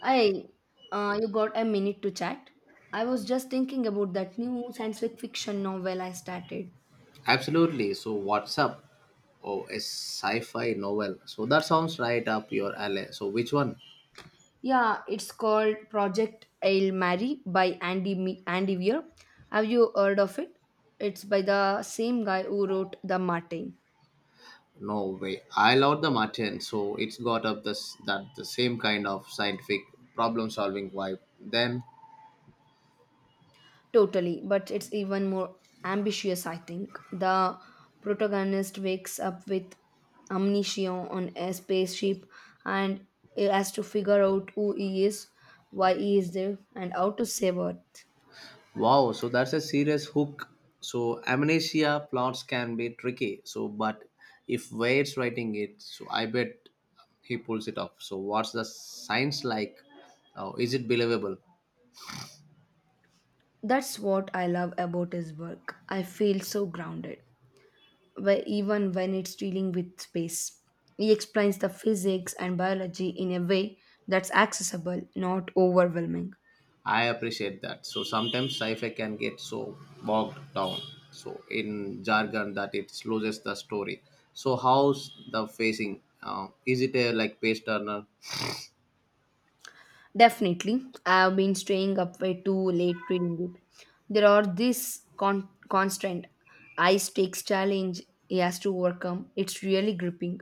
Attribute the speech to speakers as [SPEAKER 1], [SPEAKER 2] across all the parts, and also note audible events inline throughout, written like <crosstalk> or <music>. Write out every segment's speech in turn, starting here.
[SPEAKER 1] I, you got a minute to chat? I was just thinking about that new science fiction novel I started. Yeah, it's called Project Hail Mary by Andy Weir. Have you heard of it? It's by the same guy who wrote The Martin. Totally, but it's even more ambitious, I think. The protagonist wakes up with amnesia on a spaceship and he has to figure out who he is, why he is there, and how to save her. That's what I love about his work. I feel so grounded, where even when it's dealing with space. He explains the physics and biology in a way that's accessible, not overwhelming. Definitely. I have been staying up way too late reading it. There are this constant high stakes challenge he has to overcome. It's really gripping.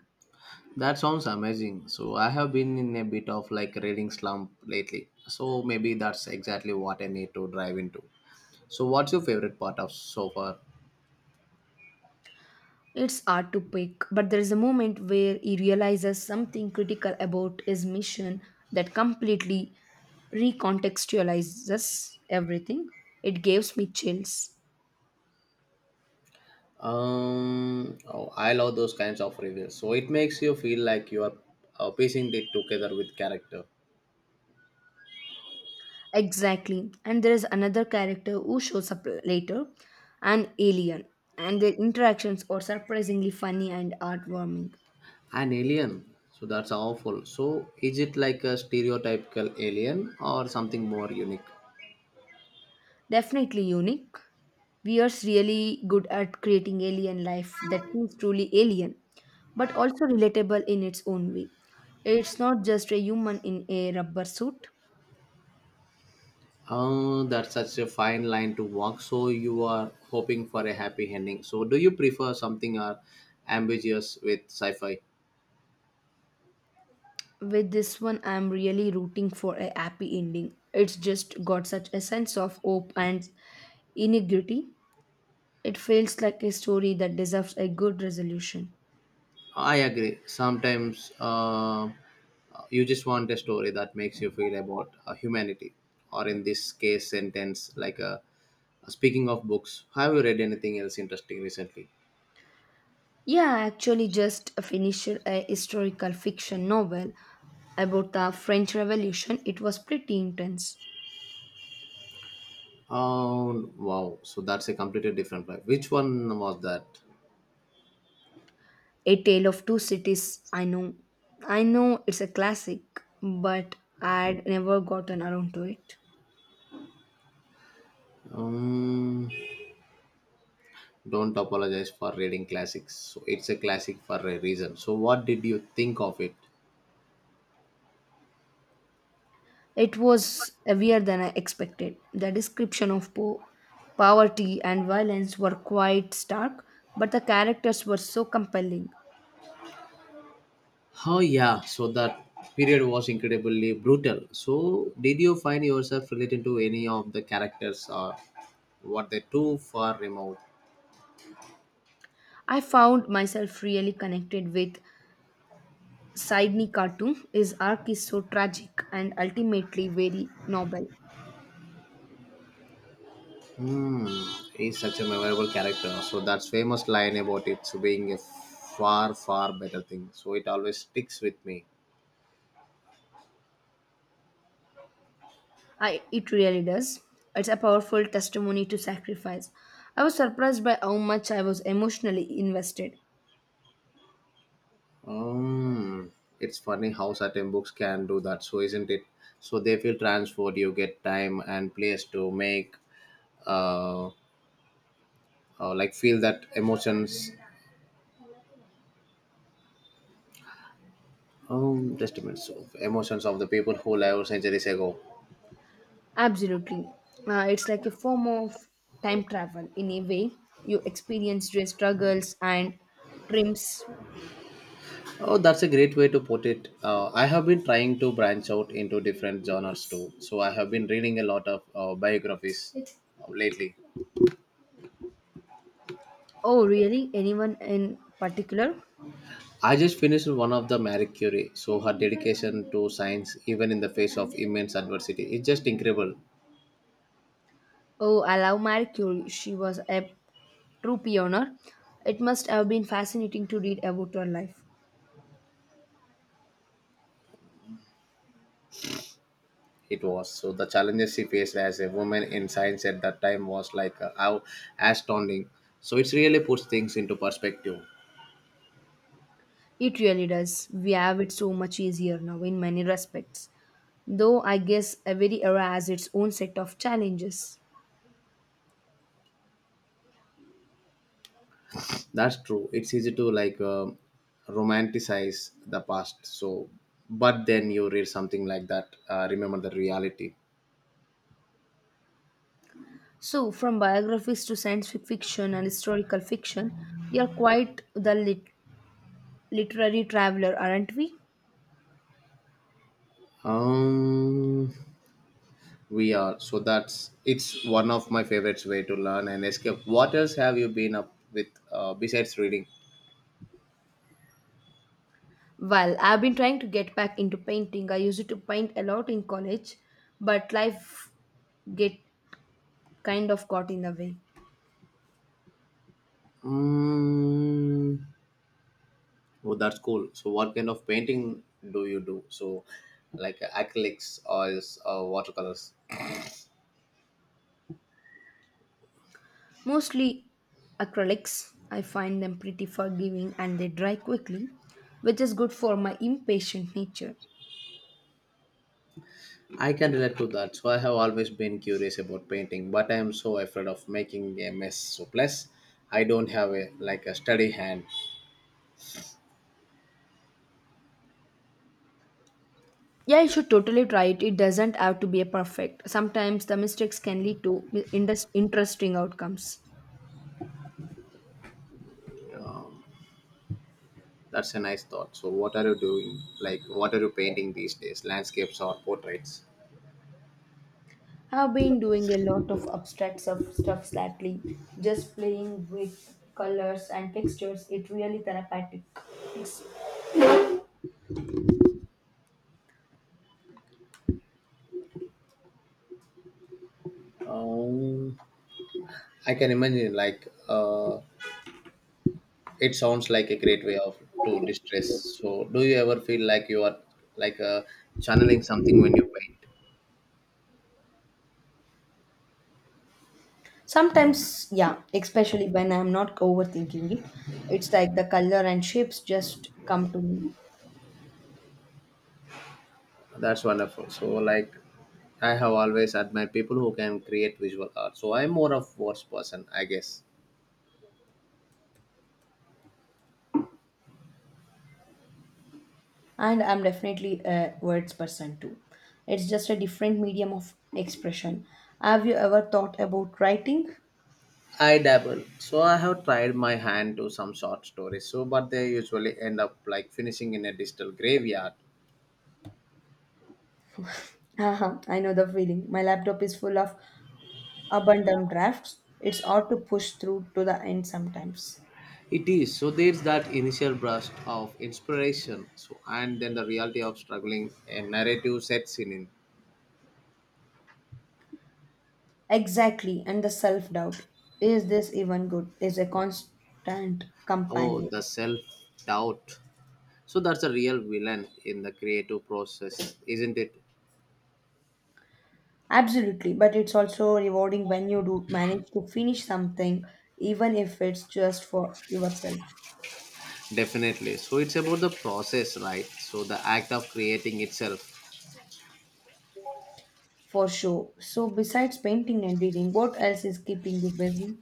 [SPEAKER 1] It's hard to pick, but there is a moment where he realizes something critical about his mission that completely recontextualizes everything. It gives me chills. Exactly. And there is another character who shows up later, an alien, and their interactions are surprisingly funny and heartwarming. Definitely unique. We are really good at creating alien life that feels truly alien, but also relatable in its own way. It's not just a human in a rubber suit. With this one, I'm really rooting for a happy ending. It's just got such a sense of hope and integrity. It feels like a story that deserves a good resolution. Yeah, I actually just finished a historical fiction novel about the French Revolution. It was pretty intense. A Tale of Two Cities, I know. I know it's a classic, but I'd never gotten around to it. It was heavier than I expected. The description of poverty and violence were quite stark, but the characters were so compelling. I found myself really connected with Sidney Cartoon. His arc is so tragic and ultimately very noble. It really does. It's a powerful testimony to sacrifice. I was surprised by how much I was emotionally invested. Absolutely. It's like a form of time travel in a way. You experience your struggles and triumphs. Oh, really? Anyone in particular? Oh, I love Marie Curie. She was a true pioneer. It must have been fascinating to read about her life. It really does. We have it so much easier now in many respects, though I guess every era has its own set of challenges. So, from biographies to science fiction and historical fiction, we are quite the literary traveler, aren't we? Well, I've been trying to get back into painting. I used to paint a lot in college, but life get kind of got in the way. Mostly acrylics. I find them pretty forgiving and they dry quickly, which is good for my impatient nature. Yeah, you should totally try it. It doesn't have to be a perfect. Sometimes the mistakes can lead to interesting outcomes. I've been doing a lot of abstract stuff lately, just playing with colors and textures. It really therapeutic. Sometimes, yeah, especially when I'm not overthinking it, it's like the color and shapes just come to me. And I'm definitely a words person too. It's just a different medium of expression. Have you ever thought about writing? <laughs> I know the feeling. My laptop is full of abundant drafts. It's hard to push through to the end sometimes. Exactly. And the self-doubt, is this even good, is a constant companion. Absolutely, but it's also rewarding when you do manage to finish something, even if it's just for yourself. For sure. So, besides painting and reading, what else is keeping you busy?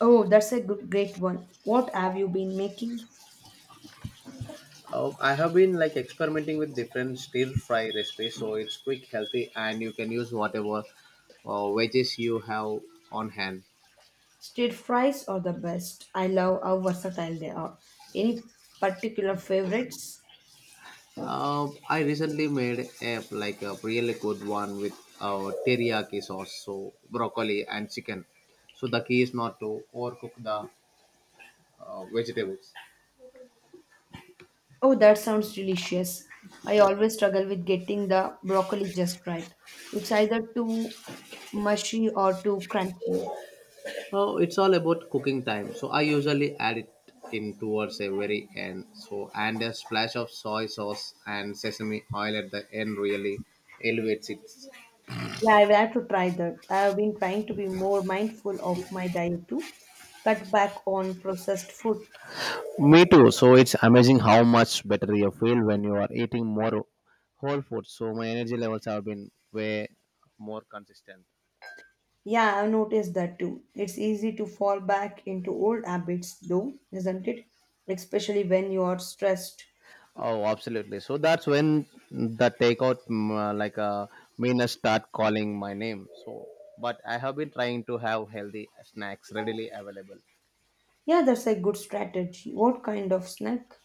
[SPEAKER 1] Oh, that's a great one. What have you been making? Stir fries are the best. I love how versatile they are. Any particular favorites? Oh, that sounds delicious. I always struggle with getting the broccoli just right. It's either too mushy or too crunchy. Yeah, I will have to try that. I have been trying to be more mindful of my diet too. Cut back on processed food.
[SPEAKER 2] Me too. So it's amazing how much better your
[SPEAKER 1] Yeah, I've noticed that too. It's easy to fall back into old habits, though, isn't it? Especially when you are stressed. Yeah, that's a good strategy. What kind of snack?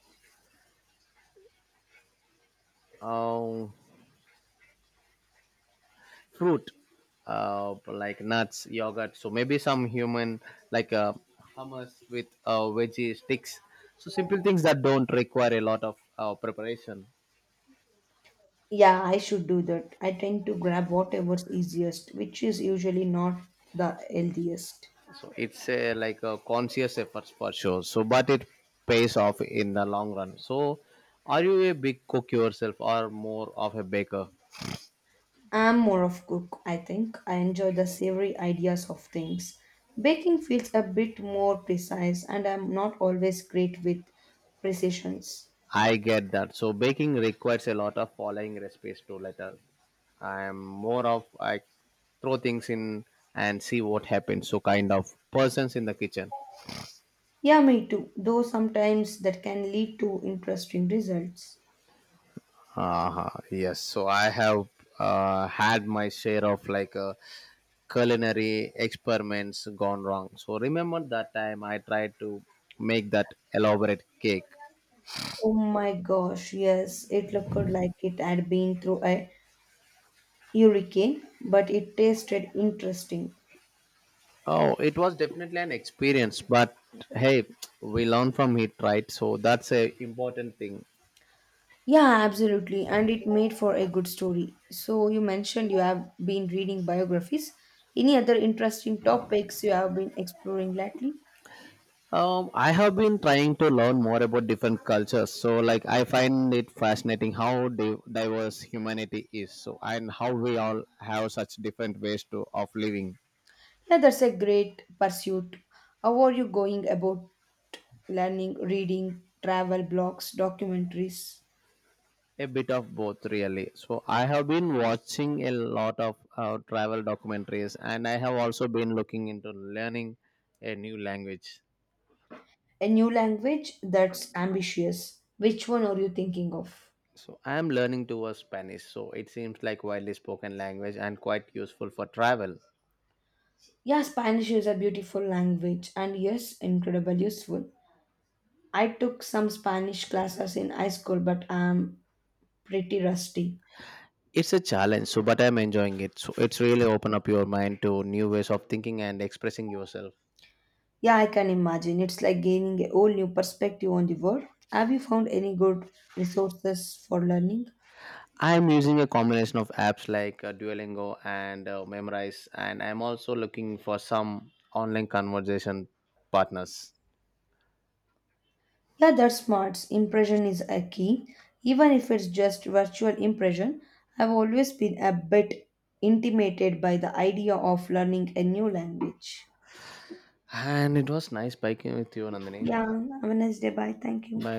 [SPEAKER 1] Yeah, I should do that. I tend to grab whatever's easiest, which is usually not the healthiest. I'm more of cook, I think. I enjoy the savory ideas of things. Baking feels a bit more precise, and I'm not always great with precisions. Yeah, me too. Though sometimes that can lead to interesting results. Oh my gosh, yes, it looked like it had been through a hurricane, but it tasted interesting. Yeah, absolutely. And it made for a good story. So, you mentioned you have been reading biographies. Any other interesting topics you have been exploring lately? Yeah, that's a great pursuit. How are you going about learning, reading, travel blogs, documentaries? A new language, that's ambitious. Which one are you thinking of? Yeah, Spanish is a beautiful language and yes, incredibly useful. I took some Spanish classes in high school, but I'm pretty rusty. Yeah, I can imagine. It's like gaining a whole new perspective on the world. Have you found any good resources for learning? Yeah, that's smart. Impression is a key. Even if it's just virtual impression, I've always been a bit intimidated by the idea of learning a new language. Yeah, have a nice day. Bye. Thank you.